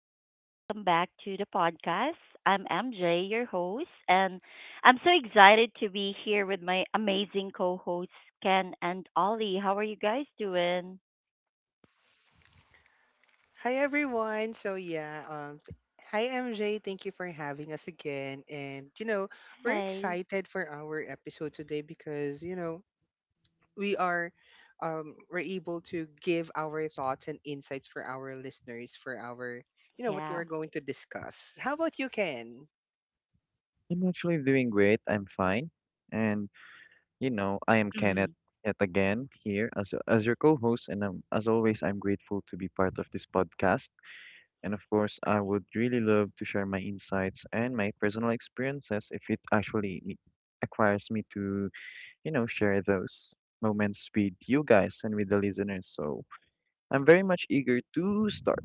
and welcome back to the podcast. I'm MJ, your host, and I'm so excited to be here with my amazing co hosts, Ken and Ollie. How are you guys doing? Hi everyone. Hi MJ, thank you for having us again. And we're Hey. excited for our episode today because, we are we're able to give our thoughts and insights for our listeners for our, what Yeah. we're going to discuss. How about you, Ken? I'm actually doing great. I'm fine. And you know, I am Kenneth Mm. yet again here as your co-host and as always I'm grateful to be part of this podcast. And of course, I would really love to share my insights and my personal experiences if it actually acquires me to, share those moments with you guys and with the listeners. So, I'm very much eager to start.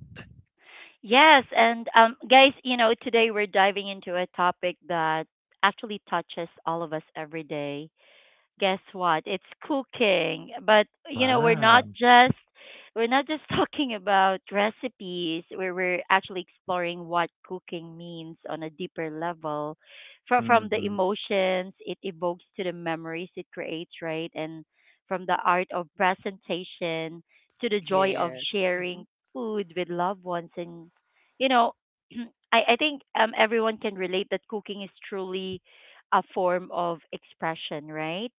Yes, and guys, you know, today we're diving into a topic that actually touches all of us every day, guess what? It's cooking. But you know, we're not Wow. just we're not just talking about recipes. We're actually exploring what cooking means on a deeper level, from the Mm-hmm. emotions it evokes to the memories it creates, right? And from the art of presentation to the joy of Yes. sharing Mhm. food with loved ones, and you know, I think everyone can relate that cooking is truly a form of expression, right?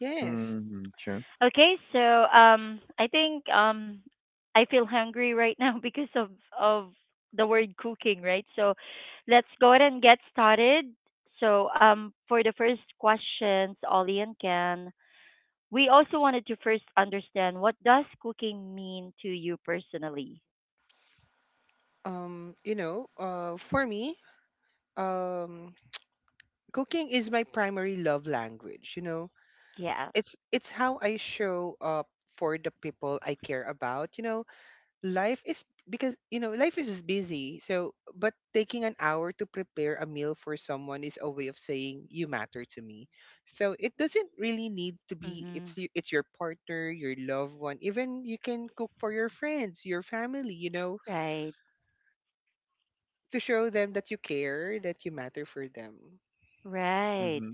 Yes. Mm-hmm. Sure. Okay, so I think I feel hungry right now because of the word cooking, right? So let's go ahead and get started. So for the first questions, Ollie and Ken, we also wanted to first understand what does cooking mean to you personally? For me, um cooking is my primary love language, you know Yeah. It's how I show up for the people I care about. You know, life is because you know life is busy. So, but taking an hour to prepare a meal for someone is a way of saying you matter to me. So it doesn't really need to be Mm-hmm. It's your partner, your loved one. Even you can cook for your friends, your family. You know, Right. to show them that you care, that you matter for them. Right. Mm-hmm.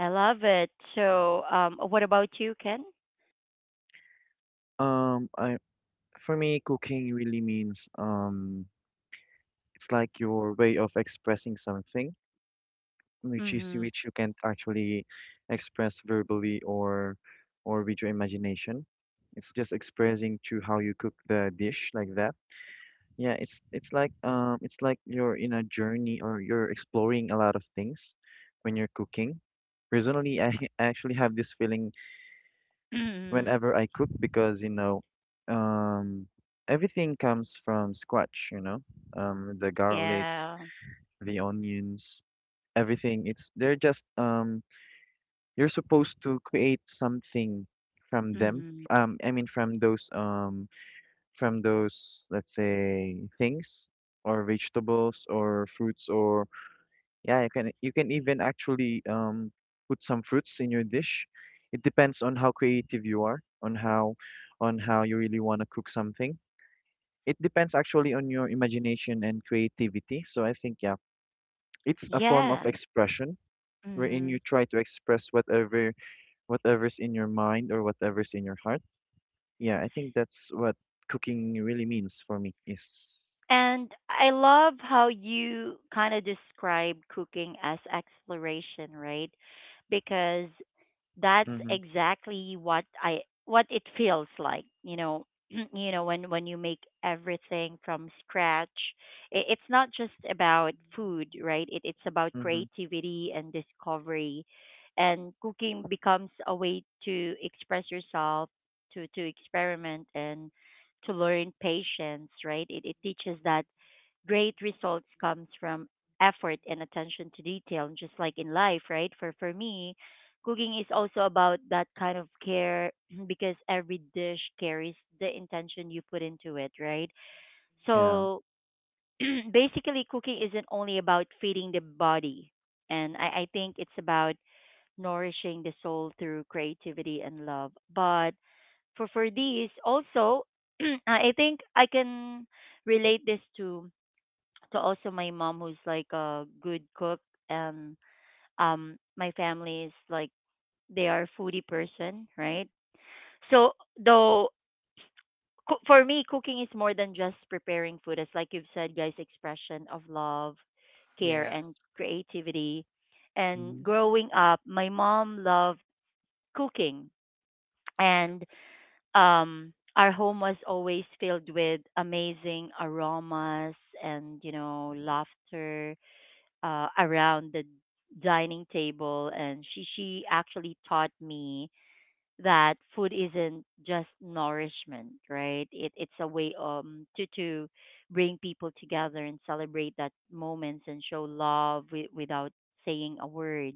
I love it. So what about you, Ken? I For me, cooking really means it's like your way of expressing something, which is Mm-hmm. which you can't actually express verbally or with your imagination. It's just expressing through how you cook the dish like that. Yeah, it's like it's like you're in a journey or you're exploring a lot of things when you're cooking. Personally, I I actually have this feeling whenever I cook because um, everything comes from scratch. The garlics, Yeah. the onions, everything. It's They're just you're supposed to create something from them. Mm-hmm. I mean from those from those, let's say, things or vegetables or fruits or yeah, you can even actually put some fruits in your dish. It depends on how creative you are, on how you really want to cook something. It depends actually on your imagination and creativity. So I think yeah, it's a form of Yeah. expression wherein you Mm. try to express whatever's in your mind or whatever's in your heart. Yeah, I think that's what cooking really means for me is. And I love how you kind of describe cooking as exploration, right? Because that's Mhm. exactly what it feels like, you know. You know, when you make everything from scratch, it's not just about food, right? It's about Mhm. creativity and discovery, and cooking becomes a way to express yourself, to experiment and to learn patience, right? It teaches that great results comes from effort and attention to detail, and just like in life, right? For me, cooking is also about that kind of care because every dish carries the intention you put into it, right? Yeah. So basically, cooking isn't only about feeding the body, and I think it's about nourishing the soul through creativity and love. But for these also I think I can relate this to also my mom who's like a good cook, and my family is like they are foodie person, right? So, though for me cooking is more than just preparing food. It's like you've said, guys, expression of love, care Yeah. and creativity. And Mhm. growing up, my mom loved cooking, and our home was always filled with amazing aromas and you know laughter, around the dining table, and she actually taught me that food isn't just nourishment, right? it it's a way to bring people together and celebrate that moments and show love without saying a word,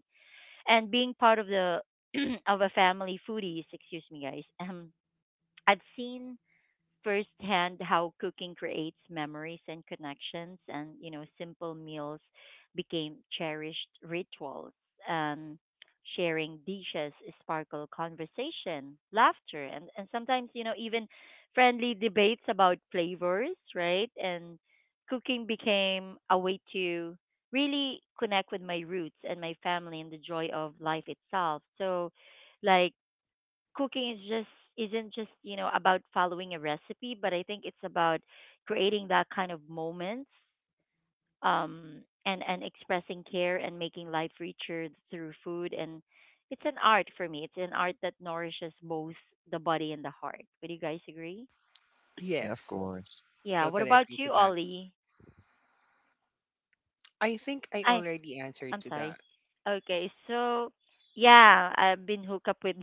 and being part of the of a family foodies, excuse me, guys. um I've seen firsthand how cooking creates memories and connections, and you know simple meals became cherished rituals. um, Sharing dishes sparkle conversation, laughter, and, sometimes you know even friendly debates about flavors, right? And cooking became a way to really connect with my roots and my family and the joy of life itself. So, like, cooking is just isn't just you know about following a recipe, but I think it's about creating that kind of moments, and expressing care and making life richer through food. And it's an art for me, it's an art that nourishes both the body and the heart. Would you guys agree? Yeah, of Yes. course. Yeah, what Totally about agree to you, that. Ollie? I think I I already answered I'm to sorry. that. Okay, so yeah, I've been hooked up with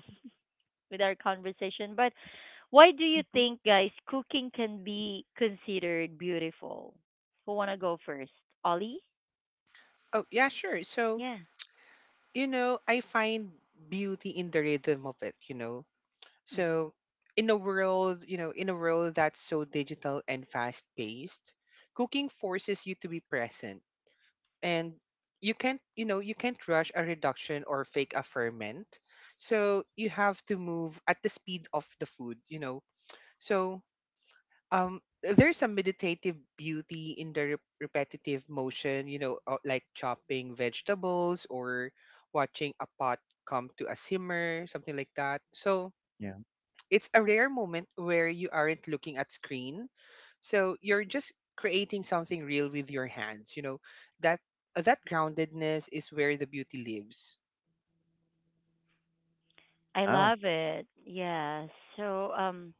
our conversation. But why do you Mm-hmm. think, guys, cooking can be considered beautiful? Who wanna go first? Ollie? Oh, yeah, sure. So, Yeah. I find beauty in the rhythm of it, you know. Hmm. So, in a world that's so digital and fast-paced, cooking forces you to be present. And you can't rush a reduction or fake a ferment. So, you have to move at the speed of the food, you know. So, there's a meditative beauty in the repetitive motion, you know, like chopping vegetables or watching a pot come to a simmer, something like that. So Yeah. it's a rare moment where you aren't looking at screen, so you're just creating something real with your hands, you know, that that groundedness is where the beauty lives. I Oh. love it. Yeah. So,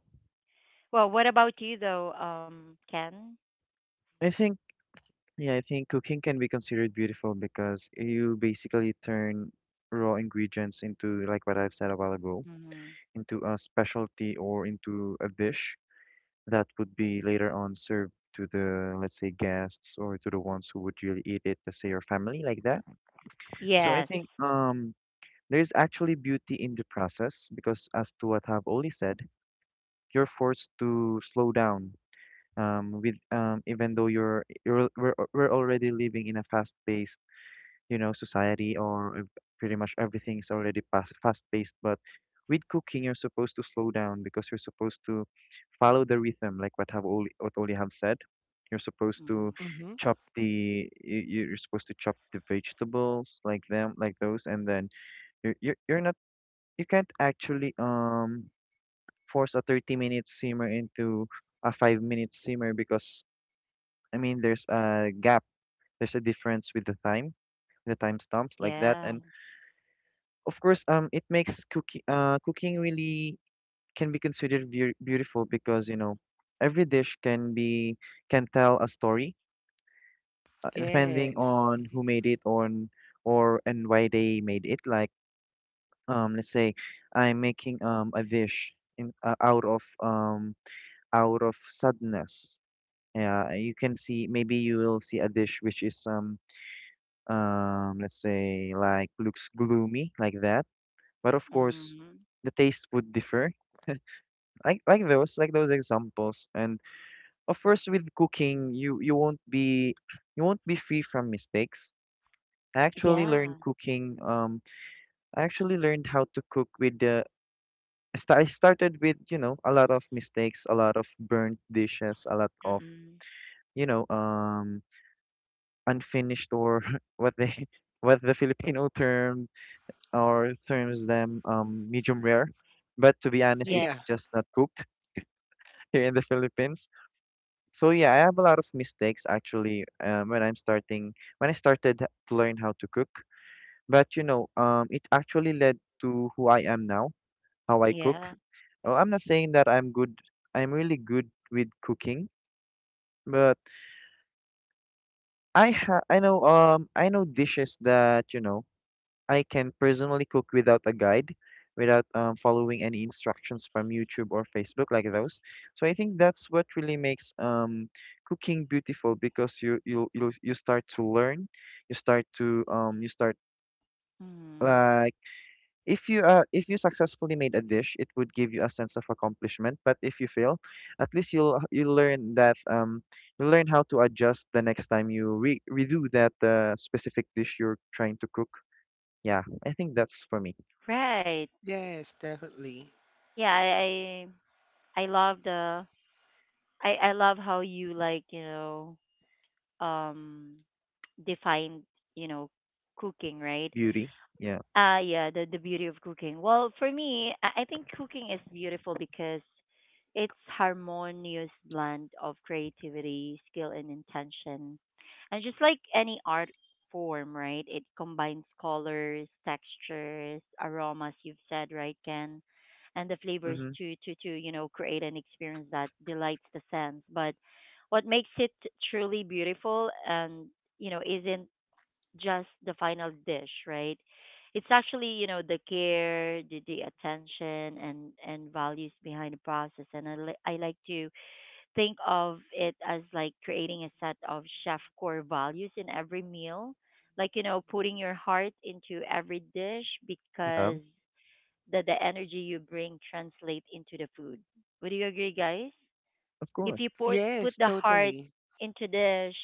well, what about you though, Ken? I think Yeah, I think cooking can be considered beautiful because you basically turn raw ingredients into, like what I've said a while ago, Hmm. into a specialty or into a dish that would be later on served to the, let's say, guests or to the ones who would really eat it, let's say your family, like that. So I Yes. think there is actually beauty in the process because as to what I've already said, you're forced to slow down. With Even though we're already living in a fast-paced, society, or pretty much everything is already fast paced. But with cooking, you're supposed to slow down because you're supposed to follow the rhythm, like what Oli have said. You're supposed Hmm. to Mm-hmm. You're supposed to chop the vegetables, like them, like those, and then you're not, you can't actually force a 30-minute minute simmer into a 5-minute simmer because I mean there's a gap, there's a difference with the time stamps, like that, Yeah. and of course, it makes cooking, cooking really can be considered beautiful because every dish can be, can tell a story, depending Yes. on Mhm. who made it, on or and why they made it. Like let's say I'm making a dish in out of sadness. Yeah, you can see maybe you will see a dish which is let's say like looks gloomy, like that. But of course, Hmm. the taste would differ, like those examples. And of course, with cooking, you won't be free from mistakes. i actually Yeah. learned cooking um I actually learned how to cook with the, I started with, a lot of mistakes, a lot of burnt dishes, a lot of Mm-mm. you know um unfinished, or what they what the Filipino terms them, medium rare, but to be honest, Yeah. it's Yeah. just not cooked here in the Philippines. So yeah, I have a lot of mistakes actually, when I started to learn how to cook. But it actually led to who I am now, how I cook. Yeah. Oh, I'm not saying that I'm good. I'm really good with cooking, but I know dishes that, I can personally cook without a guide, without following any instructions from YouTube or Facebook, like those. So I think that's what really makes, cooking beautiful because you start to learn, you start Hmm. like if you successfully made a dish, it would give you a sense of accomplishment. But if you fail, at least you learn that you learn how to adjust the next time you re redo that, specific dish you're trying to cook. Yeah, I think that's for me. Right. Yes, definitely. Yeah. I love the I love how you like you know um define you know cooking, right? Beauty. Yeah. Yeah, the beauty of cooking. Well, for me, I think cooking is beautiful because it's harmonious blend of creativity, skill, and intention. And just like any art form, right? It combines colors, textures, aromas, you've said, right, Ken? And the flavors Mm-hmm. to, you know, create an experience that delights the sense. But what makes it truly beautiful and, you know, isn't just the final dish, right? It's actually, you know, the care, the attention and values behind the process. And I like to think of it as like creating a set of chef core values in every meal. Like, you know, putting your heart into every dish Yeah. because the energy you bring translate into the food. Would you agree, guys? Of course. If you put Yes, the heart totally. into dish,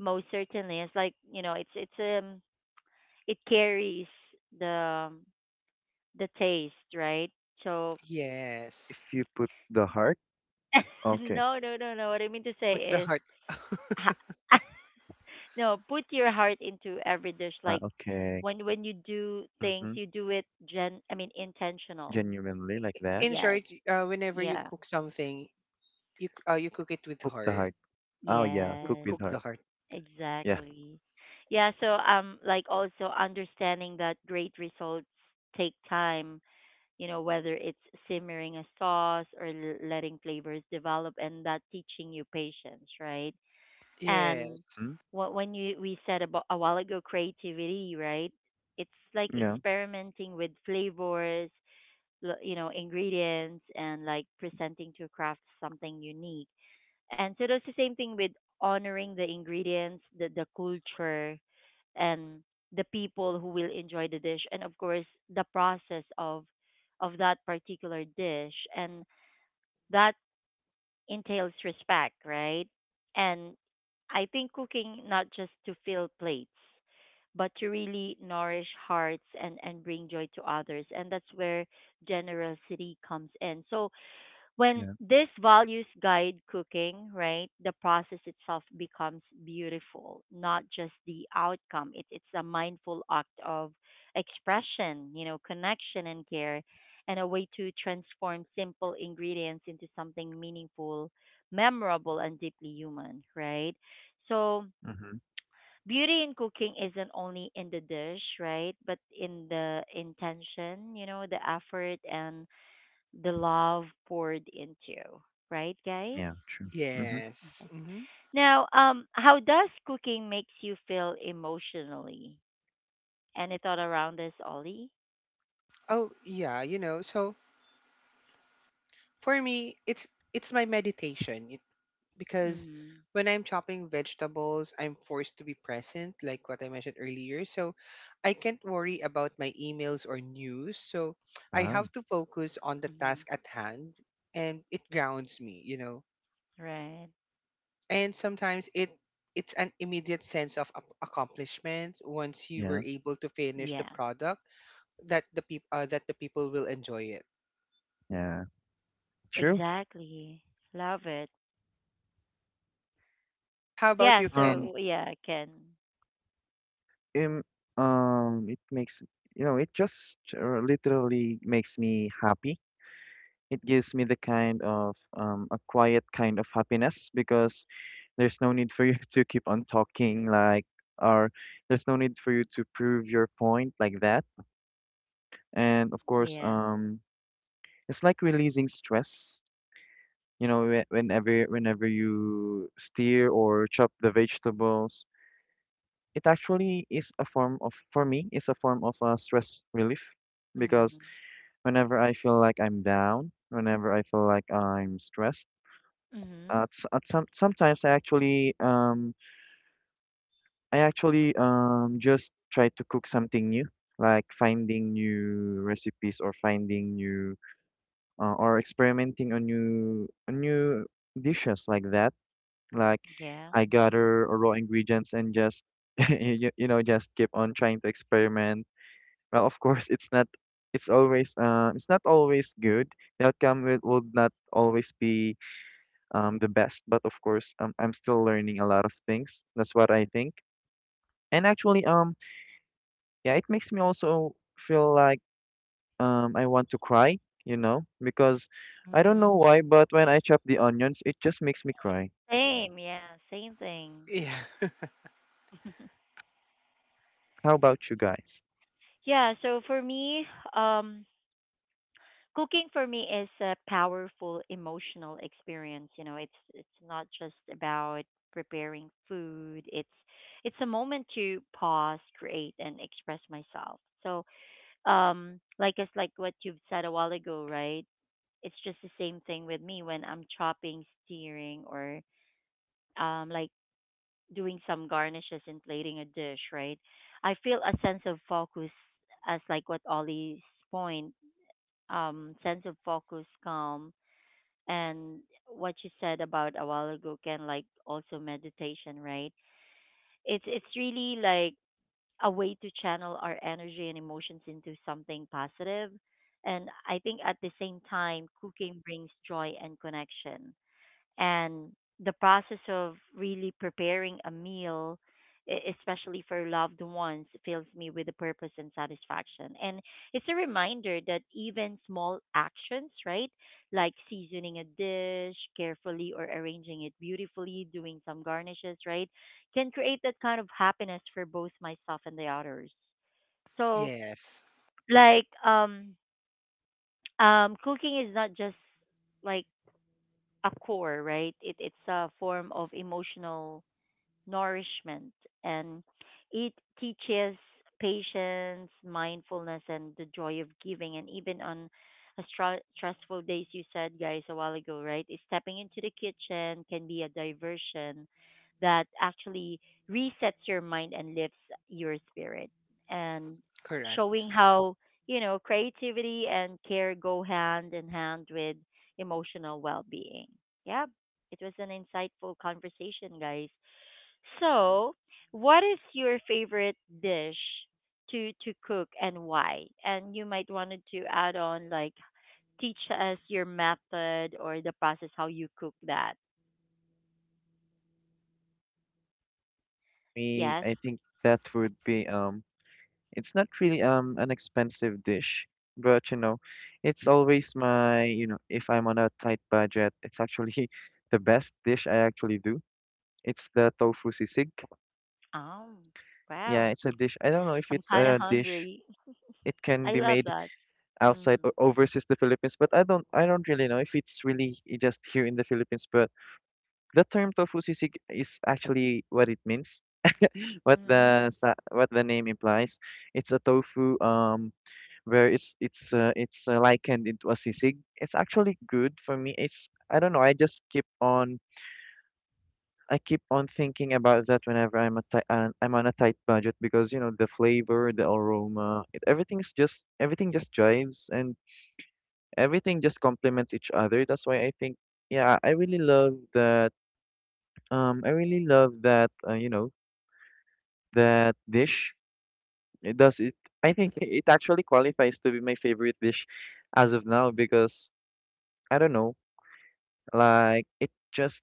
most certainly it's like you know it carries the um, the taste, right? So If Yes. you put the heart, okay. no, no, no, no. What I mean to With the say is, heart. ha- no, put your heart into every dish. Ah, Like okay. when you do things, Mm-hmm. you do it gen. I mean, intentional. Genuinely like that. In Yes. short, whenever you Yeah. cook something, you cook it with Cook the heart. heart. Oh yeah. Cook, Cook Yes, with cook the heart. heart. Yeah. exactly. Yeah, so like also understanding that great results take time, you know, whether it's simmering a sauce or letting flavors develop, and that teaching you patience, right? And Yes, Mm, what when you we said about a while ago, creativity, right? It's like yeah. experimenting with flavors, you know, ingredients, and like presenting to craft something unique, and so that's the same thing with honoring the ingredients, the culture, and the people who will enjoy the dish, and of course the process of that particular dish. And that entails respect, right? And I think cooking not just to fill plates, but to really nourish hearts and, bring joy to others. And that's where generosity comes in. So when Yeah. this values guide cooking, right, the process itself becomes beautiful, not just the outcome. It's a mindful act of expression, you know, connection and care, and a way to transform simple ingredients into something meaningful, memorable, and deeply human, right? So, Mm-hmm. beauty in cooking isn't only in the dish, right? But in the intention, you know, the effort and the love poured into, right, guys? Yeah. True. Mm-hmm. yes. Okay. Hmm. Now, how does cooking makes you feel emotionally? Any thought around this, Ollie? Oh, yeah, you know. So for me, it's my meditation because Mm-hmm. when I'm chopping vegetables, I'm forced to be present, like what I mentioned earlier. So I can't worry about my emails or news. So I Ah. have to focus on the Mm-hmm. task at hand, and it grounds me. You know, Right. and sometimes it's an immediate sense of accomplishment once you Yeah. were able to finish the Yeah. product that the people that the people will enjoy it. Yeah. True. Exactly. Love it. How about Yeah, you, Um, Ken? so yeah, I can. um, it makes, it just literally makes me happy. It gives me the kind of, a quiet kind of happiness because there's no need for you to keep on talking, like, or there's no need for you to prove your point, like that. And of course, Yeah. It's like releasing stress. Whenever you steer or chop the vegetables, it actually is a form of for me, it's a form of stress relief because Mhm. whenever I feel like I'm down, whenever I feel like I'm stressed. Mhm. At, s- at some sometimes I actually just try to cook something new, like finding new recipes or finding new, or experimenting on new dishes, like that. Like Yeah. I gather raw ingredients and just just keep on trying to experiment. Well, of course, it's not always good. The outcome would not always be the best. But of course, I'm still learning a lot of things. That's what I think. And actually, yeah, it makes me also feel like, I want to cry, because I don't know Mhm. why, but when I chop the onions, it just makes me cry. Same, yeah, same thing. Yeah. How about you guys? Yeah, so for me, um cooking for me is a powerful emotional experience, you know, it's not just about preparing food. It's a moment to pause, create and express myself. So, like it's like what you've said a while ago, right? It's just the same thing with me when I'm chopping, steering, or like doing some garnishes and plating a dish, right? I feel a sense of focus, as like what Ollie's point, sense of focus, calm, and what you said about a while ago, can, like also meditation, right? It's really like a way to channel our energy and emotions into something positive. And I think at the same time, cooking brings joy and connection, and the process of really preparing a meal especially for loved ones fills me with a purpose and satisfaction. And it's a reminder that even small actions, right, like seasoning a dish carefully or arranging it beautifully, doing some garnishes, right, can create that kind of happiness for both myself and the others. So, Yes, like, cooking is not just like a core, right? It's a form of emotional nourishment, and it teaches patience, mindfulness, and the joy of giving. And even on a stressful days, you said, guys, a while ago, right? Is stepping into the kitchen can be a diversion that actually resets your mind and lifts your spirit. And correct. showing how, you know, creativity and care go hand in hand with emotional well being. Yeah, it was an insightful conversation, guys. So, what is your favorite dish to cook and why? And you might wanted to add on like teach us your method or the process how you cook that. Me, Yes. I think that would be it's not really an expensive dish, but it's always if I'm on a tight budget, it's actually the best dish I actually do. It's the tofu sisig. Oh, Yeah, wow. it's a dish. I don't know if I'm it's kind of a dish. hungry. It can I be love made that. outside Mm-hmm. or overseas the Philippines, but I don't really know if it's really just here in the Philippines. But the term tofu sisig is actually what it means, Mm-hmm. What the name implies. It's a tofu where it's likened into a sisig. It's actually good for me. It's I don't know. I just keep on. I keep on thinking about that whenever I'm on a tight budget because the flavor, the aroma, everything just jives and everything just complements each other. That's why I think, yeah, I really love that. I really love that. You know that dish. It does it. I think it actually qualifies to be my favorite dish as of now because I don't know, like it just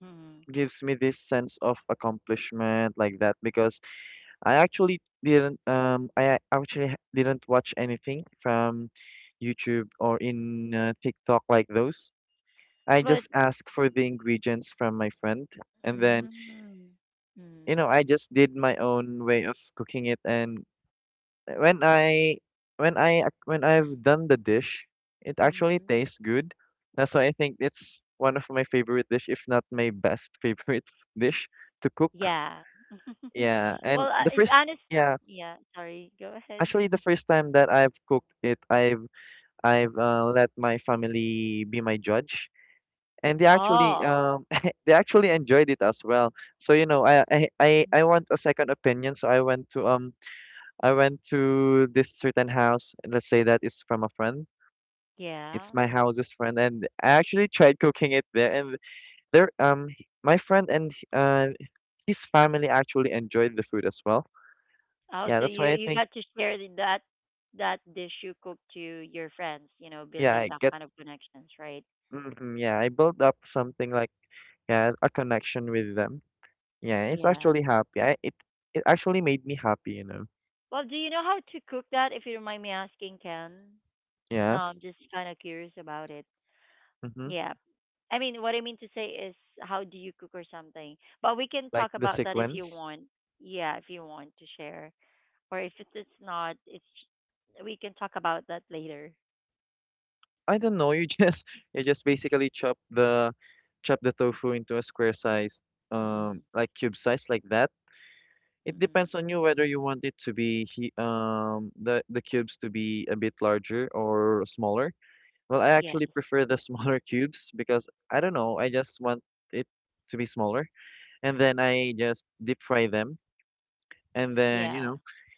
Mm-hmm. gives me this sense of accomplishment, like that, because I actually didn't I actually h- didn't watch anything from YouTube or in TikTok, like those. I But just asked for the ingredients from my friend, and then mm-hmm. Mm-hmm. I just did my own way of cooking it, and when I when I've done the dish, it actually Mm-hmm. tastes good. That's why I think it's one of my favorite dish, if not my best favorite dish to cook. Yeah. Yeah, Well, and I, the first honest. yeah Yeah. Sorry. Go ahead. actually, the first time that I've cooked it, I've let my family be my judge, and they actually Oh, they actually enjoyed it as well. So I want a second opinion, so I went to, I went to this certain house. Let's say that it's from a friend. yeah. It's my house's friend, and I actually tried cooking it there, and there my friend and his family actually enjoyed the food as well. Oh, Yeah, so that's you why I you think, got to share that that dish you cook to your friends, you know, yeah, building I that get. kind of connections, right? Yeah, I built up something like, yeah, a connection with them. Yeah, it's Yeah. actually happy. I, it actually made me happy. Well, do you know how to cook that? If you don't mind me asking, Ken. No, Yeah. I'm just kind of curious about it. Mm-hmm. Yeah. I mean, what I mean to say is, how do you cook or something? But we can Like talk the about that if you sequence. want. Yeah, if you want to share, or if it's not, it's we can talk about that later. I don't know. You just you just basically chop the, chop the tofu into a square size, Mm-mm. like cube size, like that. It Mm-mm. depends on you whether you want it to be he, the cubes to be a bit larger or smaller. Well, I actually Yes. prefer the smaller cubes because I don't know. I just want it to be smaller, and then I just deep fry them. And then, you Yeah. know,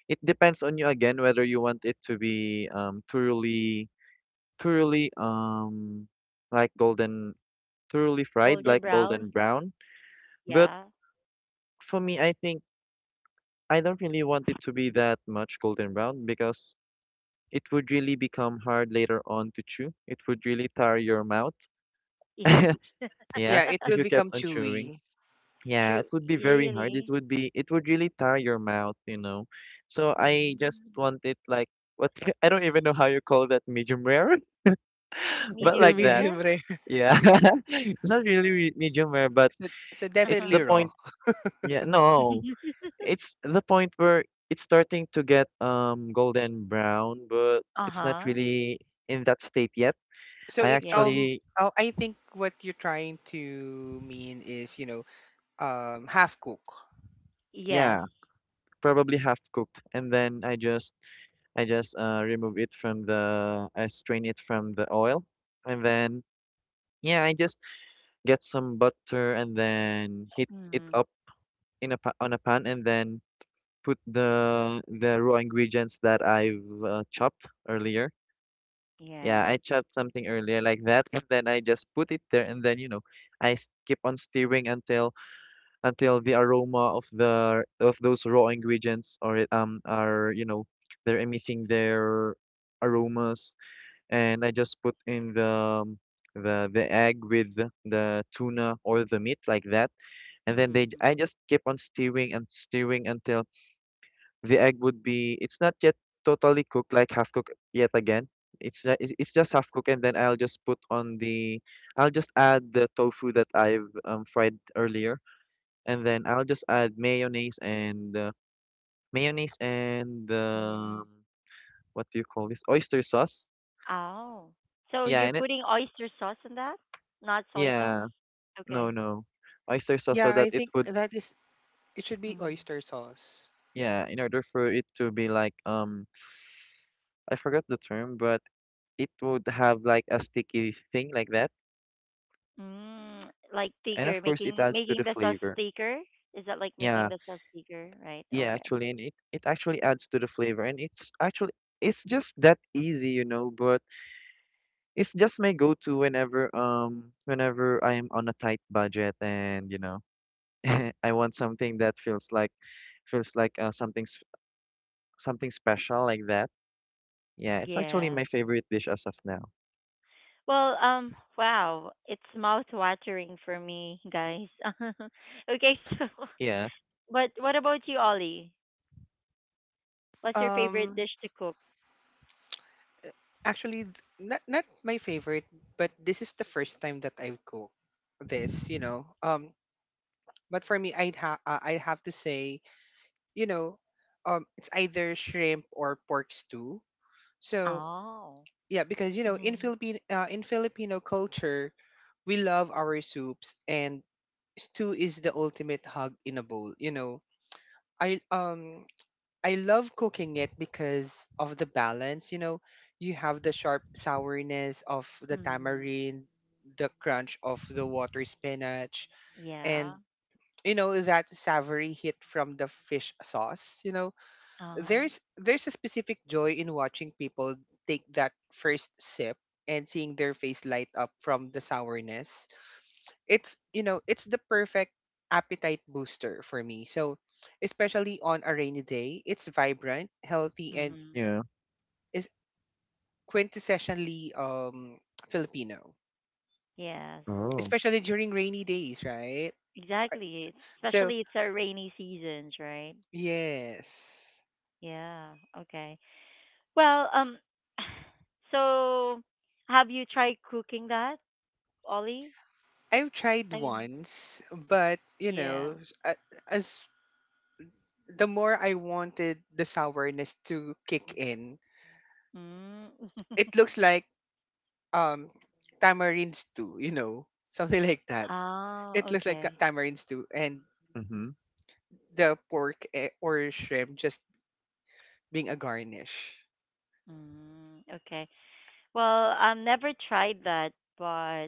it depends on you again whether you want it to be thoroughly um like golden thoroughly Golden fried like brown. golden brown. Yeah. But for me, I think I don't really want it to be that much golden brown because it would really become hard later on to chew. It would really tire your mouth. Yeah, Yeah, it if will you kept become on chewing. chewy. Yeah, it True. would be very hard. It Really? would be it would really tire your mouth. So I just Mm. want it like, what, I don't even know how you call that, medium rare, It's but still Medium like that. rare? medium rare. Yeah. It's not really medium rare, but So, so it's definitely the Uh-huh. raw. point. Yeah, no. It's the point where it's starting to get golden brown, but it's not Uh-huh. really in that state yet. so I i- Yes. um actually, oh, I think what you're trying to mean is, you know, half cook. Yes. yeah, probably half cooked, and then I just remove it I strain it from the oil. And then, yeah, I just get some butter and then heat it Mm. up in a pa on a pan and then put the raw ingredients that I've chopped earlier. Yeah, Yeah. I chopped something earlier like that, and then I just put it there, and then I keep on stirring until the aroma of those raw ingredients, or are they're emitting their aromas. And I just put in the egg with the tuna or the meat like that, and then they Mm-hmm. I just keep on stirring and stirring until the egg would be it's not yet totally cooked, like half cooked yet again. It's not, it's just half cooked, and then I'll just add the tofu that I've fried earlier, and then I'll just add mayonnaise and uh, mayonnaise and Mm-hmm. um, what do you call this, oyster sauce? Oh. So Yeah, you're and it. putting oyster sauce in that? Not soy sauce? Yeah. No, Okay. no. Oyster sauce, so Yeah, that I it think would, that is, it should be Mm. oyster sauce. yeah, in order for it to be like, I forgot the term, but it would have like a sticky thing like that. Mm. Like And of thicker, course, it making adds to the making the sauce flavor. thicker? Is that like making Yeah, the sauce thicker, right? yeah, Okay. actually, and it actually adds to the flavor. And it's just that easy, you know, but it's just my go-to whenever, whenever, I am on a tight budget, and, you know, I want something that feels like something special like that. Yeah, it's actually Yeah. my favorite dish as of now. Well, wow, it's mouth-watering for me, guys. Okay, Yeah. but what about you, Ollie? What's your favorite um dish to cook? Not not my favorite, but this is the first time that I've cooked this, but for me I'd have to say, you know it's either shrimp or pork stew. So Oh. yeah, because you know in Mm-hmm. philippine in Filipino culture we love our soups, and stew is the ultimate hug in a bowl, you know. I I love cooking it because of the balance. You know, you have the sharp sourness of the Mm-hmm. tamarind, the crunch of the water spinach, Yeah. and you know that savory hit from the fish sauce. You know, Uh-huh. there's a specific joy in watching people take that first sip and seeing their face light up from the sourness. It's, you know, it's the perfect appetite booster for me. So especially on a rainy day, it's vibrant, healthy, and Mm-hmm. Yeah. is quintessentially Filipino, Yes. Oh. especially during rainy days, right? Exactly. It's, So especially it's our rainy seasons, right? yes, Yeah. Okay. Well, so have you tried cooking that, Ollie? I've tried I mean, once, but you yeah. know as the more I wanted the sourness to kick in, Mm. it looks like um tamarinds too, you know, something like that. Oh, It looks like okay. tamarinds too, and Mm-hmm. the pork, eh, or shrimp just being a garnish. Mm, okay. Well, I've never tried that, but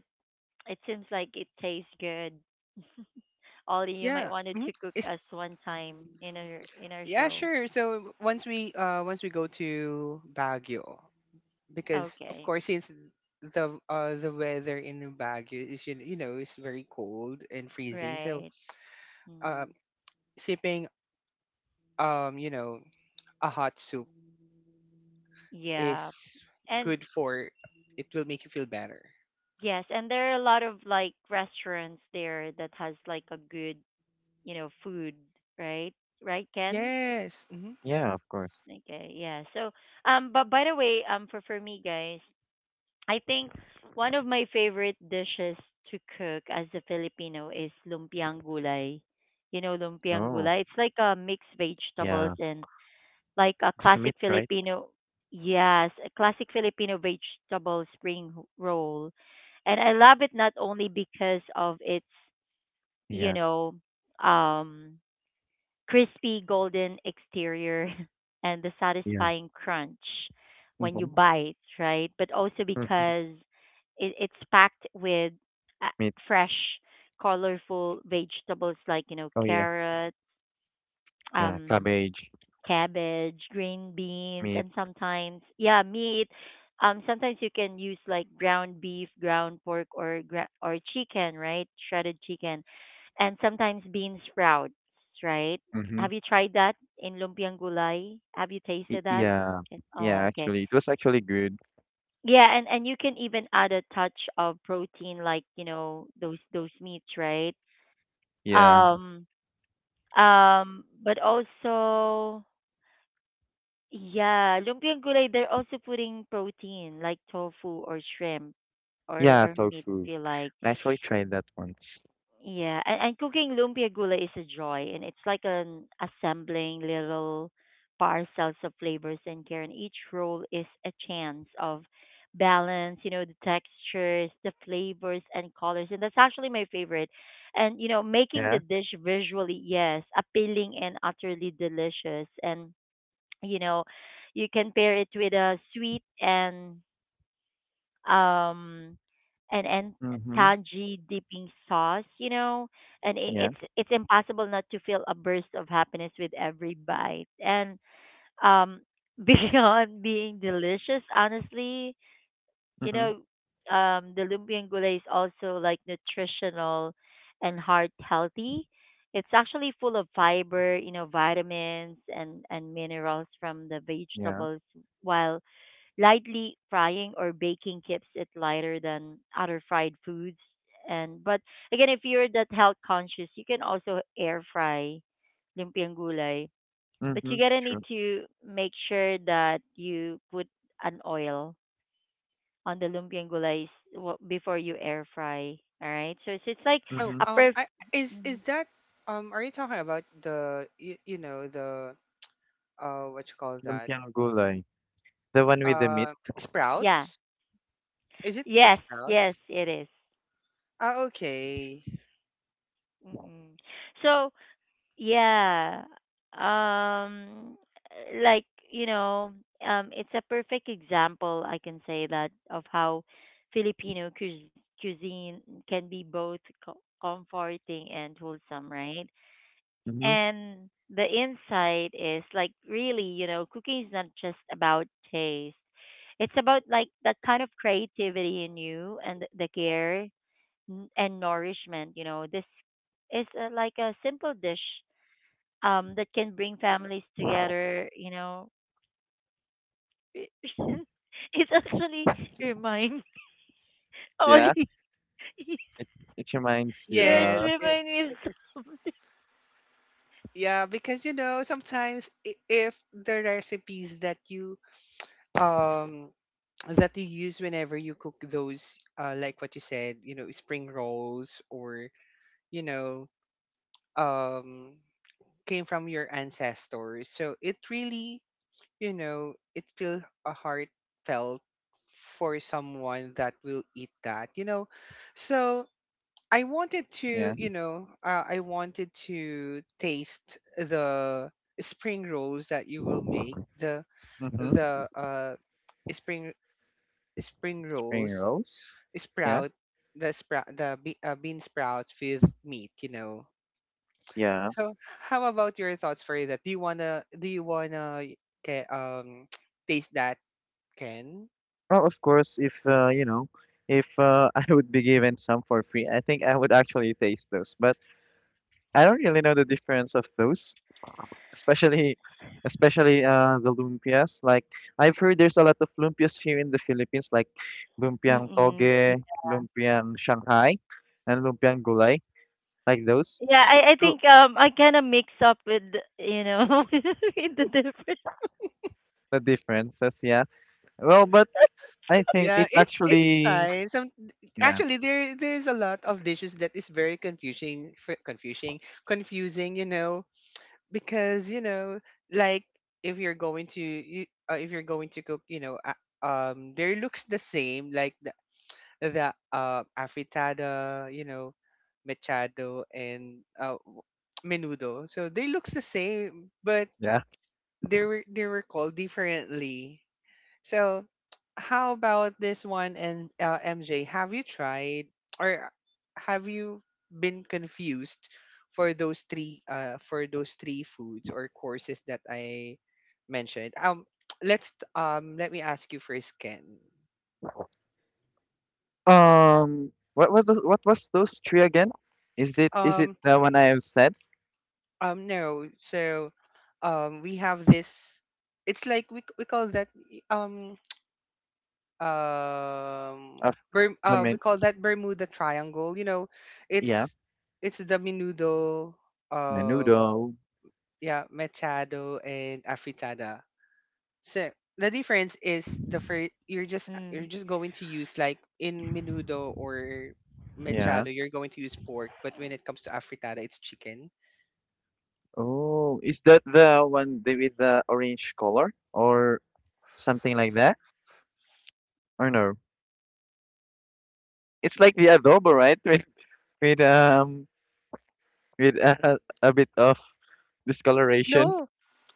it seems like it tastes good. Ollie, you might Yeah, wanted mhm. to cook Is us one time in our Yeah, show. sure. So once we go to Baguio, because of Okay. course since the weather in Baguio is you know is very cold and freezing, so Right. um Mm, sipping you know a hot soup is yeah. And good for, it will make you feel better. yes, and there are a lot of like restaurants there that has like a good, you know, food, right? Right, Ken? Yes. Yeah, of course. Okay, yeah. So, but by the way, for me, guys. I think one of my favorite dishes to cook as a Filipino is lumpiang gulay. You know, lumpiang Oh. gulay. It's like a mixed vegetables Yeah. and like a It's a meat, classic right? Filipino, yes, a classic Filipino vegetable spring roll. And I love it not only because of its, you Yeah. know, um crispy golden exterior and the Yeah. satisfying crunch when you Mm-hmm. bite, right? But also Mm-hmm. because it's packed with uh, Meat. fresh, colorful vegetables like you know Oh, yeah. carrot, Yeah. um, Cabbage. cabbage, green beans, Meat. and sometimes yeah meat. Sometimes you can use like ground beef, ground pork, or chicken, right? Shredded chicken, and sometimes bean sprouts, right? Mm-hmm. Have you tried that in lumpiang gulay? Have you tasted that? Yeah, yeah, Oh, okay. actually, it was actually good. Yeah, and you can even add a touch of protein, like you know those meats, right? Yeah, Um, but also yeah, lumpia and gulay, they're also putting protein like tofu or shrimp yeah, or meat if tofu. you like. I actually tried that once. Yeah, and cooking lumpia gulay is a joy, and it's like an assembling little parcels of flavors and care, and each roll is a chance of balance, you know, the textures, the flavors, and colors, and that's actually my favorite. And you know, making the Yeah. dish visually, yes, appealing and utterly delicious, and you know you can pair it with a sweet and um and and Mm-hmm. tangy dipping sauce, you know, and I Yeah. it's impossible not to feel a burst of happiness with every bite and um beyond being delicious, honestly, you know, Mm-hmm. The lumpiang gulay is also like nutritional and heart healthy. It's actually full of fiber, you know, vitamins and minerals from the Yeah. vegetables, while lightly frying or baking keeps it lighter than other fried foods. And but again, if you're that health conscious, you can also air fry lumpiang gulay. But Mm-hmm. you gotta need True. to make sure that you put an oil on the lumpia and gulay is before you air fry. All right. So it's like Oh, Mm-hmm. a perf. I Mhm. is that are you talking about you know, the what you call that? Lumpiang gulay, the one with the meat. Uh, Yeah. sprouts? Is it the Yes. Yes, sprouts? it is. Ah, okay. Mm-mm. So yeah, um, like you know, it's a perfect example. I can say that of how Filipino cuisine can be both comforting and wholesome, right? Mm-hmm. And the insight is like really, you know, cooking is not just about taste. It's about like that kind of creativity in you and the care and nourishment, you know. This is like a simple dish that can bring families together, you know. It actually reminds Yeah, Ollie, it it reminds you. yeah, it Yes. Uh. Reminds it, me it's- of something. yeah, because you know sometimes if the recipes um that you use whenever you cook those, uh, like what you said, you know, spring rolls or you know um came from your ancestors. So it really, you know, it feels a heartfelt for someone that will eat that, you know. So I wanted to, Yeah. you know, I wanted to taste the spring rolls that you will make, the Mm-hmm. the uh spring spring Spring rolls, rolls. Yeah. sprout, sprout, the bean sprouts with meat, you know. Yeah. So how about your thoughts for that? Do you wanna get taste that, Ken? Oh, of course, if you know, if I would be given some for free, I think I would actually taste those. But I don't really know the difference of those, especially, especially the lumpias. Like, I've heard there's a lot of lumpias here in the Philippines, like lumpiang Mm-mm. toge, lumpiang Shanghai, and lumpiang gulay, like those. Yeah, I So think I kind of mix up with you know with the different. the differences, yeah. Well, but I think Yeah, it's it's actually, fine. Some yeah. Actually there's a lot of dishes that is very confusing, confusing. You know, because you know, like if you're going to if you're going to cook, there looks the same like the afritada, you know, machado and menudo. So they looks the same, but Yeah. they were called differently. So, how about this one and MJ? Have you tried, or have you been confused for those three foods or courses that I mentioned? Let's let me ask you first, Ken. What was the what was those three again? Is it Um, the one I have said no. So, we have this. It's like we we call that. um. um of the we men? call that Bermuda Triangle. You know, Yeah, it's it's the menudo, um menudo. yeah, machado and afritada. So the difference is the first you're just you're Mm. just going to use like in menudo or Yeah. machado you're going to use pork, but when it comes to afritada it's chicken. Oh, is that the one with the orange color or something like that? Or no? It's like the adobo, right? With um with a bit of discoloration. No,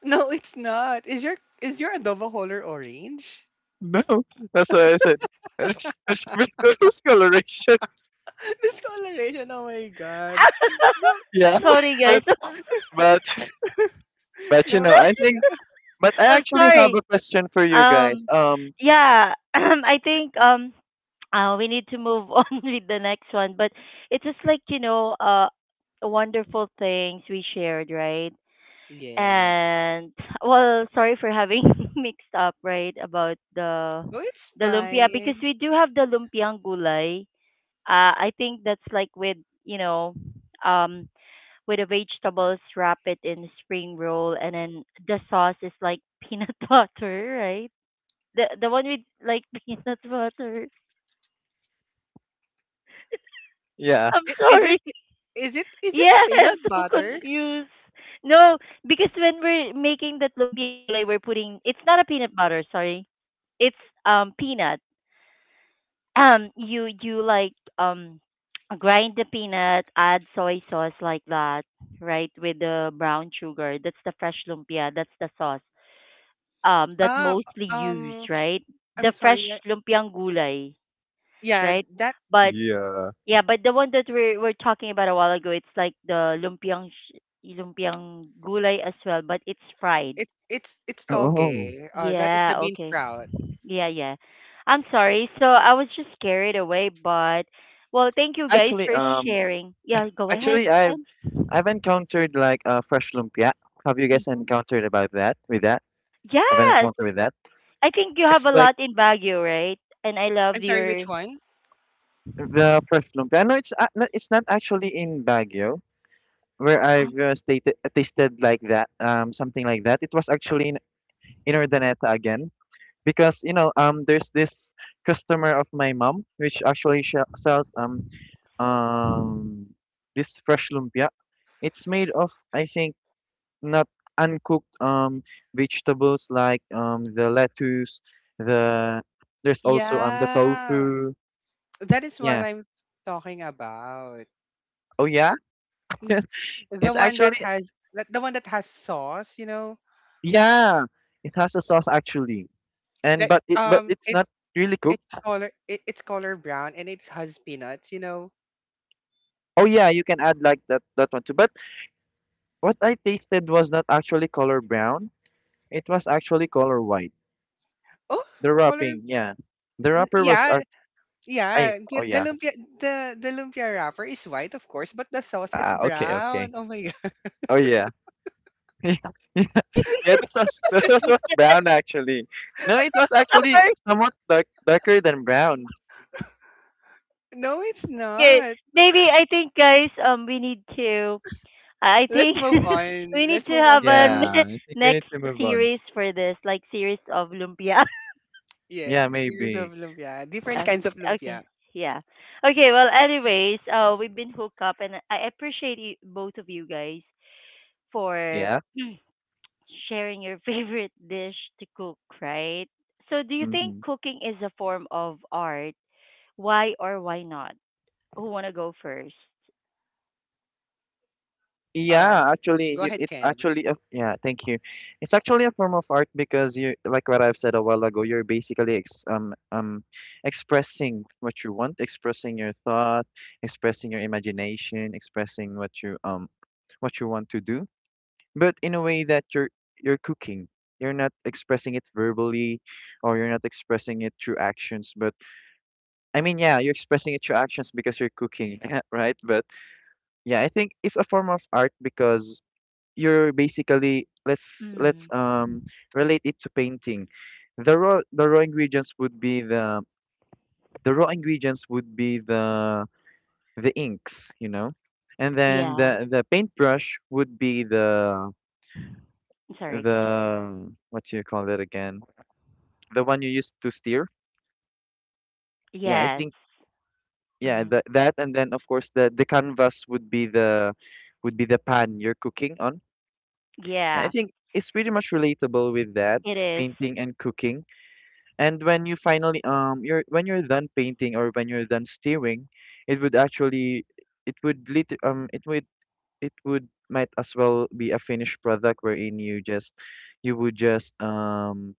no, it's not. Is your adobo color orange? No, that's what I said. There's a bit of discoloration. Discoloration. Oh my god. No, Yeah, no. Sorry guys, but but but, you No, know, I it's think. not. But I I'm actually have sorry. a question for you guys. Um, yeah, I think we need to move on with the next one, but it's just like you know wonderful things we shared, right? Yeah. And well, sorry for having mixed up, right, about Oh, it's the lumpia because fine. we do have the lumpiang gulay, I think that's like with you know um with the vegetables wrap it in spring roll, and then the sauce is like peanut butter, right, the one with like peanut butter. Yeah. I'm I- Is it sorry. is it is it Yeah, I'm peanut so butter? confused. No, because when we're making that lumpiang gulay we're putting, it's not a peanut butter, sorry, it's peanut, you like grind the peanut, add soy sauce like that, right, with the brown sugar. That's the fresh lumpia, that's the sauce that Uh mostly used, um right, I'm the fresh sorry. Lumpiang gulay, Yeah, right? that But Yeah. yeah, but the one that we're talking about a while ago it's like the lumpiang gulay as well, but it's fried. it's it's Oh. toge. Uh, that is the Yeah, bean okay. sprout. Yeah, yeah. I'm sorry. So I was just carried away, but well, thank you guys Actually, for um, sharing. Yeah, go ahead. actually, I've encountered like, fresh lumpia. Have you guys Mm-hmm. encountered about that? With that, have an Yes, encounter with that? I think you have It's a like lot in Baguio, right? And I I'm love sorry, which your. one? the fresh lumpia. No, it's no, it's not actually in Baguio where I've stated tasted like that. Something like that. It was actually in Urdaneta again, because, you know, there's this customer of my mom which actually sells um this fresh lumpia. It's made of, I think, not uncooked vegetables, like the lettuce, the there's also the Yeah. tofu, That is what yeah. I'm talking about. Oh, yeah. N- The It's one that actually, has, that the one that has sauce, you know? yeah, it has a sauce actually, and Like but it but it's not really it's cooked. It's color brown and it has peanuts, you know. Oh, yeah, you can add like that one too, but what I tasted was not actually color brown. It was actually color white, Oh, the color wrapping, yeah, the wrapper was yeah, I. yeah, Oh, the yeah. lumpia, the lumpia wrapper is white, of course, but the sauce it's Ah, okay, okay. brown. Oh my god. Oh, yeah. Yeah, yeah, this was brown actually. No, it was actually Sorry. somewhat darker than brown. No, it's Okay, not. maybe I think guys, we need to. I Let's think move we on. need Let's to move on have to a another. Yeah, I think we need next to move on. series for this, like series of lumpia. Yeah, Yes, series of maybe. lumpia, different Yeah. kinds of Okay. lumpia. Yeah. Okay. Well, anyways, we've been hooked up, and I appreciate you, both of you guys for Yeah. sharing your favorite dish to cook. Right. So, do you think Hmm. cooking is a form of art? Why or why not? Who wanna go first? Um, Yeah, actually, go ahead, it's Ken. actually a yeah. Thank you. It's actually a form of art because you, like what I've said a while ago. You're basically expressing what you want, expressing your thought, expressing your imagination, expressing what you want to do, but in a way that you're cooking. You're not expressing it verbally, or you're not expressing it through actions, but I mean, yeah, you're expressing it through actions because you're cooking, right? But yeah, I think it's a form of art because you're basically, let's let's Mm. um relate it to painting. The raw, the raw ingredients would be the raw ingredients would be the inks, you know, and then Yeah. the paintbrush would be the Sorry. Excuse me. the what do you call it again? The one you used to steer? Yeah, I Yes. think, yeah, Mm. that, and then of course the canvas would be the pan you're cooking on. And I Yeah. think it's pretty much relatable with that, It is. painting and cooking. And when you finally you're when you're done painting, or when you're done steering, it would actually it would lit it would might as well be a finished product, wherein you would just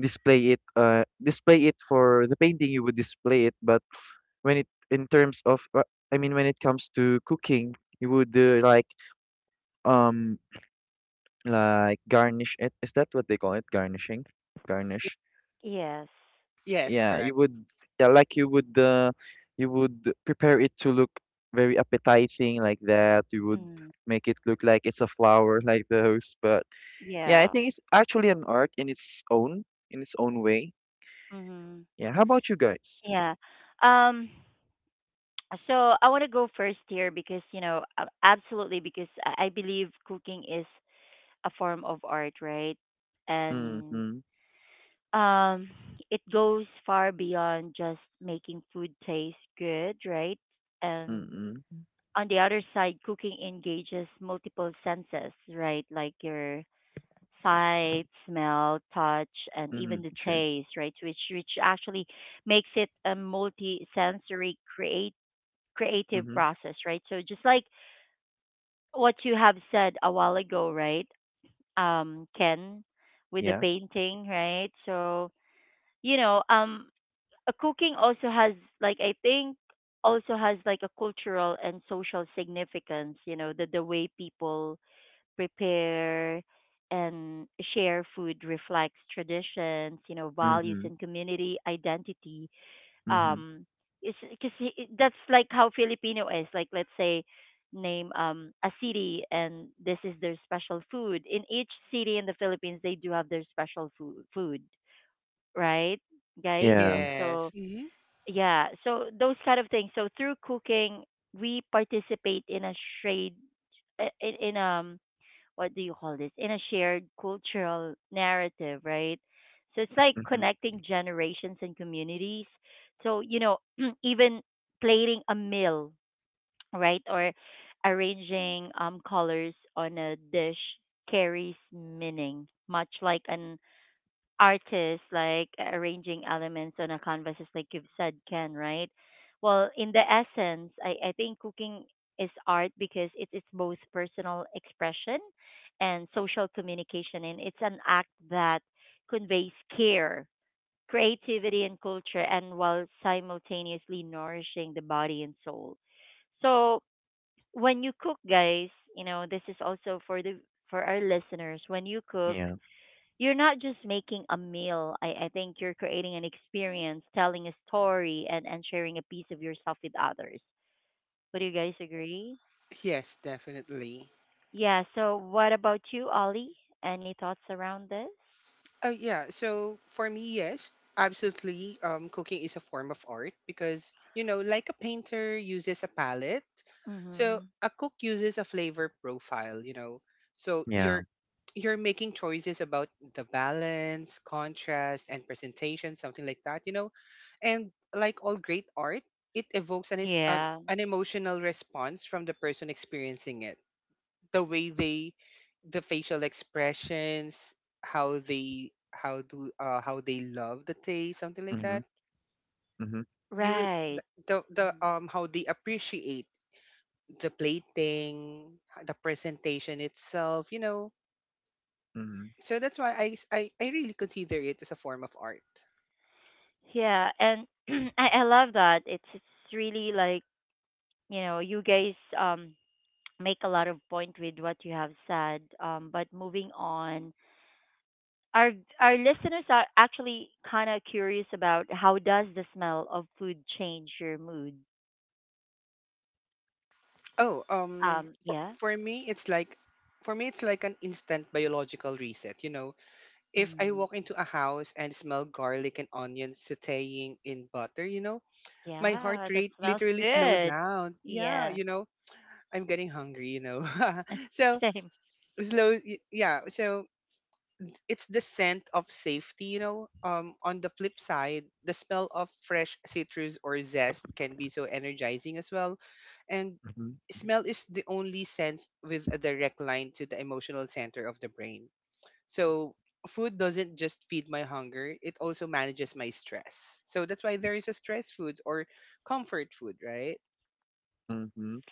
display it for the painting, you would display it. But when it, in terms of, I mean, when it comes to cooking, you would, um like, garnish it. Is that what they call it? Garnishing, garnish. Yes. Yes, Yeah, you correct. would, yeah, like you would prepare it to look very appetizing like that. You would Mm. make it look like it's a flower, like those. But yeah, I Yeah. think it's actually an art in its own way. Mm. Yeah. How about you guys? Yeah. Um. So I want to go first here because you know absolutely, because I believe cooking is a form of art, right? And Mm-hmm. um, it goes far beyond just making food taste good, right? And Mm-hmm. on the other side, cooking engages multiple senses, right? Like your sight, smell, touch, and Mm-hmm. even the Sure. taste, right? Which actually makes it a multi-sensory create creative Mm-hmm. process, right? So just like what you have said a while ago, right? Ken, with the Yeah. painting, right? So you know, cooking also has like I think also has like a cultural and social significance. You know, the way people prepare and share food reflects traditions, you know, values Mm-hmm. and community identity, Mm-hmm. um it's because that's like how Filipino is, like let's say name a city and this is their special food. In each city in the Philippines they do have their special food, right, guys? Yeah. So Yes. Hmm. yeah, so those kind of things, so through cooking we participate in a trade, in what do you call this, in a shared cultural narrative, right? So it's like Mhm. connecting generations and communities, so you know even plating a meal, right, or arranging colors on a dish carries meaning, much like an artists like arranging elements on a canvas, is like you've said, Ken, right? Well, in the essence, I think cooking is art because it's both personal expression and social communication, and it's an act that conveys care, creativity, and culture, and while simultaneously nourishing the body and soul. So when you cook, guys, you know, this is also for the for our listeners, when you cook Yeah. you're not just making a meal. I think you're creating an experience, telling a story, and sharing a piece of yourself with others. Would you guys agree? Yes, definitely. Yeah. So, what about you, Ollie? Any thoughts around this? Oh yeah. So for me, yes, absolutely. Cooking is a form of art because you know, like a painter uses a palette, so Mm-hmm. a cook uses a flavor profile. You know, so Yeah. you're making choices about the balance, contrast, and presentation, something like that. You know, and like all great art, it evokes Yeah. an emotional response from the person experiencing it. The way they, the facial expressions, how do how they love the taste, something like that. Mhm. Mhm. You will Right. The Mhm. How they appreciate the plating, the presentation itself, you know. Mhm. So that's why I really consider it as a form of art. Yeah. And I love that. It's really like, you know, you guys um, make a lot of point with what you have said. But moving on, our our listeners are actually kind of curious about how does the smell of food change your mood. Oh, Yeah. for me it's like, an instant biological reset, you know. If I Mm, walk into a house and smell garlic and onions sauteing in butter, you know, my yeah, heart that rate smells literally slowed good. down. Yeah, Yeah. you know, I'm getting hungry, you know. so Same. Yeah, so it's the scent of safety, you know. On the flip side, the smell of fresh citrus or zest can be so energizing as well. And Mhm. smell is the only sense with a direct line to the emotional center of the brain. So food doesn't just feed my hunger, it also manages my stress. So that's why there is a stress foods or comfort food, right? Mhm.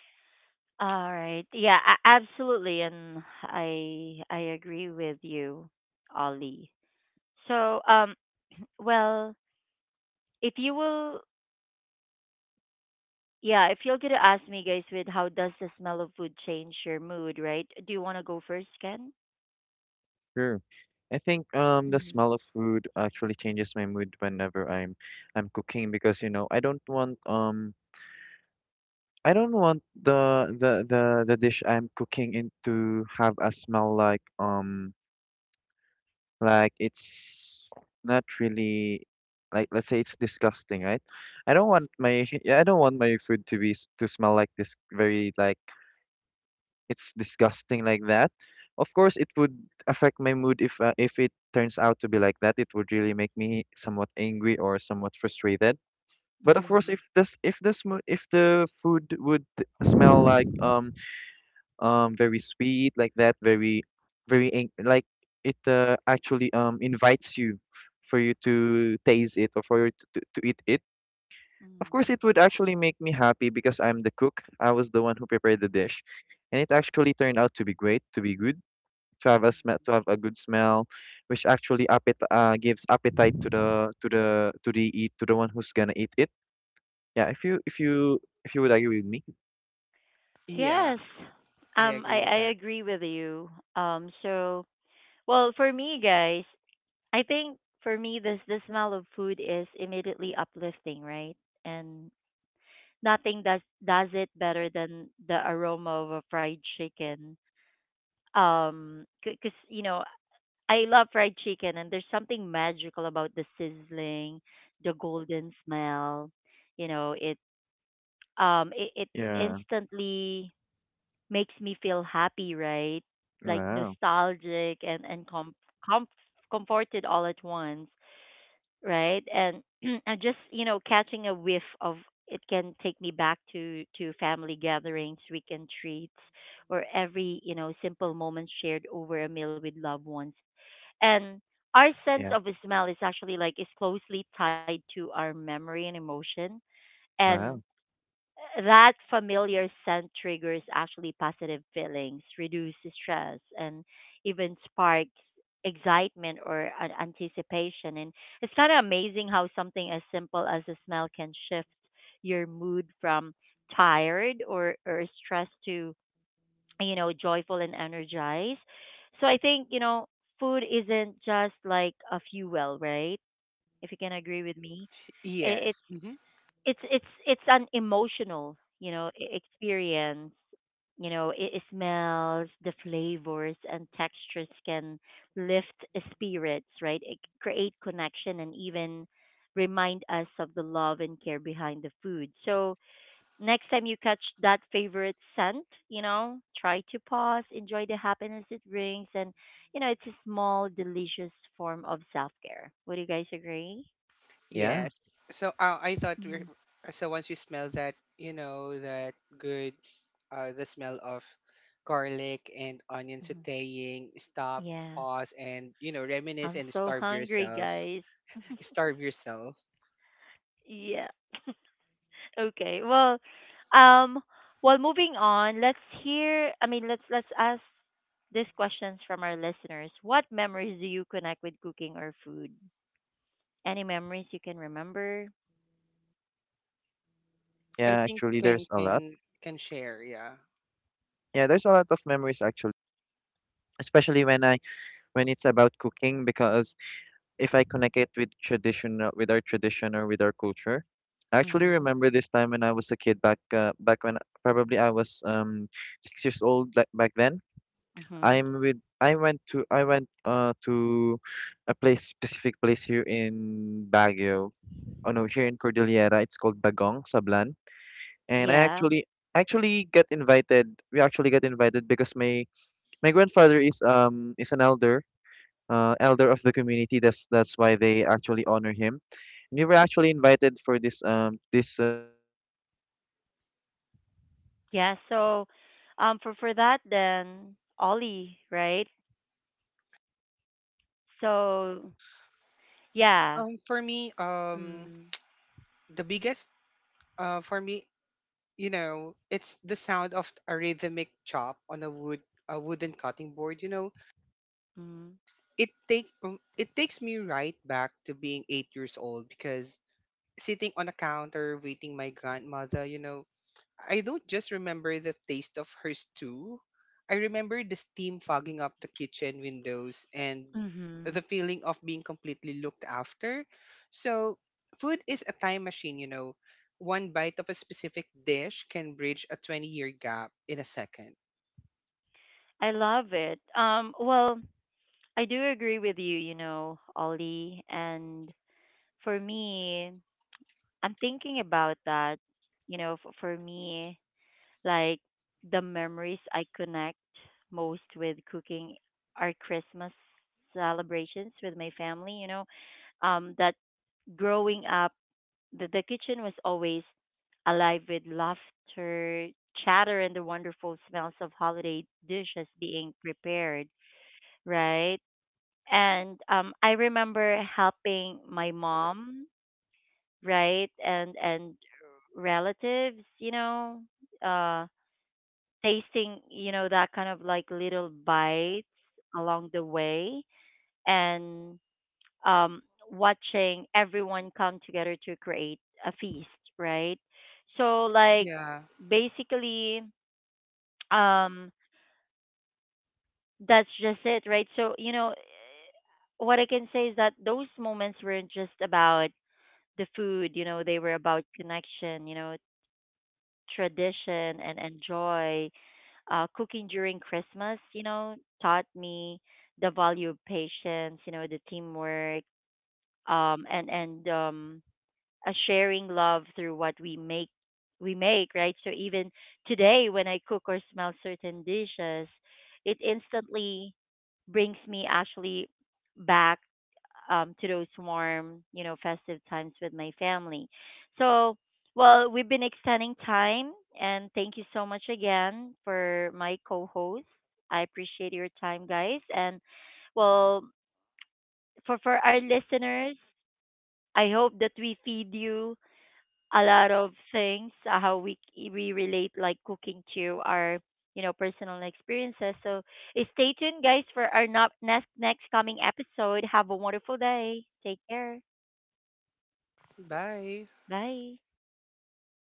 All right, yeah, absolutely, and I agree with you, Ollie. So well, if you will, yeah, if you're gonna ask me, guys, with how does the smell of food change your mood, right? Do you want to go first, Ken? Sure. I think the smell of food actually changes my mood whenever I'm cooking, because, you know, I don't want, I don't want the dish I'm cooking in to have a smell like, it's not really, like, let's say, it's disgusting, right? I don't want my yeah, I don't want my food to be to smell like this, very like it's disgusting like that. Of course, it would affect my mood if it turns out to be like that. It would really make me somewhat angry or somewhat frustrated. But of course, Mm-hmm. if the food would smell like very sweet like that, very very ang- like it actually invites you for you to taste it, or for you to eat it. Of course, Mm. it would actually make me happy because I'm the cook. I was the one who prepared the dish, and it actually turned out to be great, to be good, to have a smell, to have a good smell, which actually appet gives appetite to the one who's gonna eat it. Yeah, if you would agree with me. Yeah, Yes. I agree with I that. agree with you. So, well, for me, guys, I think for me, this the smell of food is immediately uplifting, right? And nothing does it better than the aroma of a fried chicken. Because you know, I love fried chicken, and there's something magical about the sizzling, the golden smell. You know, it it, it Yeah. instantly makes me feel happy, right? Like Wow. nostalgic and com- comforted all at once, right? And and just you know catching a whiff of it can take me back to family gatherings, weekend treats, or every you know simple moment shared over a meal with loved ones, and our sense Yeah. of smell is actually like is closely tied to our memory and emotion, and Wow. that familiar scent triggers actually positive feelings, reduces stress, and even sparks excitement or an anticipation. And it's kind of amazing how something as simple as a smell can shift your mood from tired or stressed to, you know, joyful and energized. So I think, you know, food isn't just like a fuel, right? If you can agree with me. It's Yes. Hmm. It's an emotional you know experience, you know it, it smells, the flavors and textures can lift spirits, right, it, create connection and even remind us of the love and care behind the food. So next time you catch that favorite scent, you know, try to pause, enjoy the happiness it brings, and you know it's a small delicious form of self-care. Would you guys agree? Yeah. Yes. So I thought Mm-hmm. we're so once we smell that, you know, that good the smell of garlic and onion sauteing, stop, Yeah, pause and you know, reminisce I'm and so starve hungry, yourself. guys. Starve yourself. Yeah. Okay. Well, um, well, moving on. Let's hear. I mean, let's ask these questions from our listeners. What memories do you connect with cooking or food? Any memories you can remember? I Yeah. think Actually, can there's a lot. can can share, yeah. Yeah, there's a lot of memories actually, especially when it's about cooking, because if I connect it with traditional with our tradition or with our culture. I actually Mhm. remember this time when I was a kid, back when probably I was 6 years old, like back then. Mhm. I went to a place specific place here in Baguio. Oh no, here in Cordillera. It's called Bagong Sablan, and I Yeah. actually get invited. We actually get invited because my grandmother Yeah. So, for that, then Ollie, right? So, yeah. For me, Mm. the biggest for me, you know, it's the sound of a rhythmic chop on a wooden cutting board, you know Mm. It takes me right back to being 8 years old because sitting on a counter waiting my grandmother, you know, I don't just remember the taste of her stew. I remember the steam fogging up the kitchen windows and Mhm. the feeling of being completely looked after. So food is a time machine, you know, one bite of a specific dish can bridge a 20-year gap in a second. I love it. Well. I do agree with you, you know, Ollie. And for me, I'm thinking about that. You know, for me, like the memories I connect most with cooking are Christmas celebrations with my family. You know, that growing up, the kitchen was always alive with laughter, chatter, and the wonderful smells of holiday dishes being prepared, right? And I remember helping my mom, right? And relatives, you know, uh tasting, you know, that kind of like little bites along the way, and um watching everyone come together to create a feast, right? So like Yeah, basically um that's just it, right? So, you know, what I can say is that those moments weren't just about the food, you know, they were about connection, you know, tradition and enjoy. Cooking during Christmas, you know, taught me the value of patience, you know, the teamwork, and a sharing love through what we make right, so even today when I cook or smell certain dishes it instantly brings me actually back, to those warm you know festive times with my family. So well, we've been extending time, and thank you so much again for my co-host. I appreciate your time, guys, and well, for our listeners, I hope that we feed you a lot of things, how we we relate like cooking to our you know personal experiences. So stay tuned, guys, for our not next next coming episode. Have a wonderful day, take care. bye. Bye.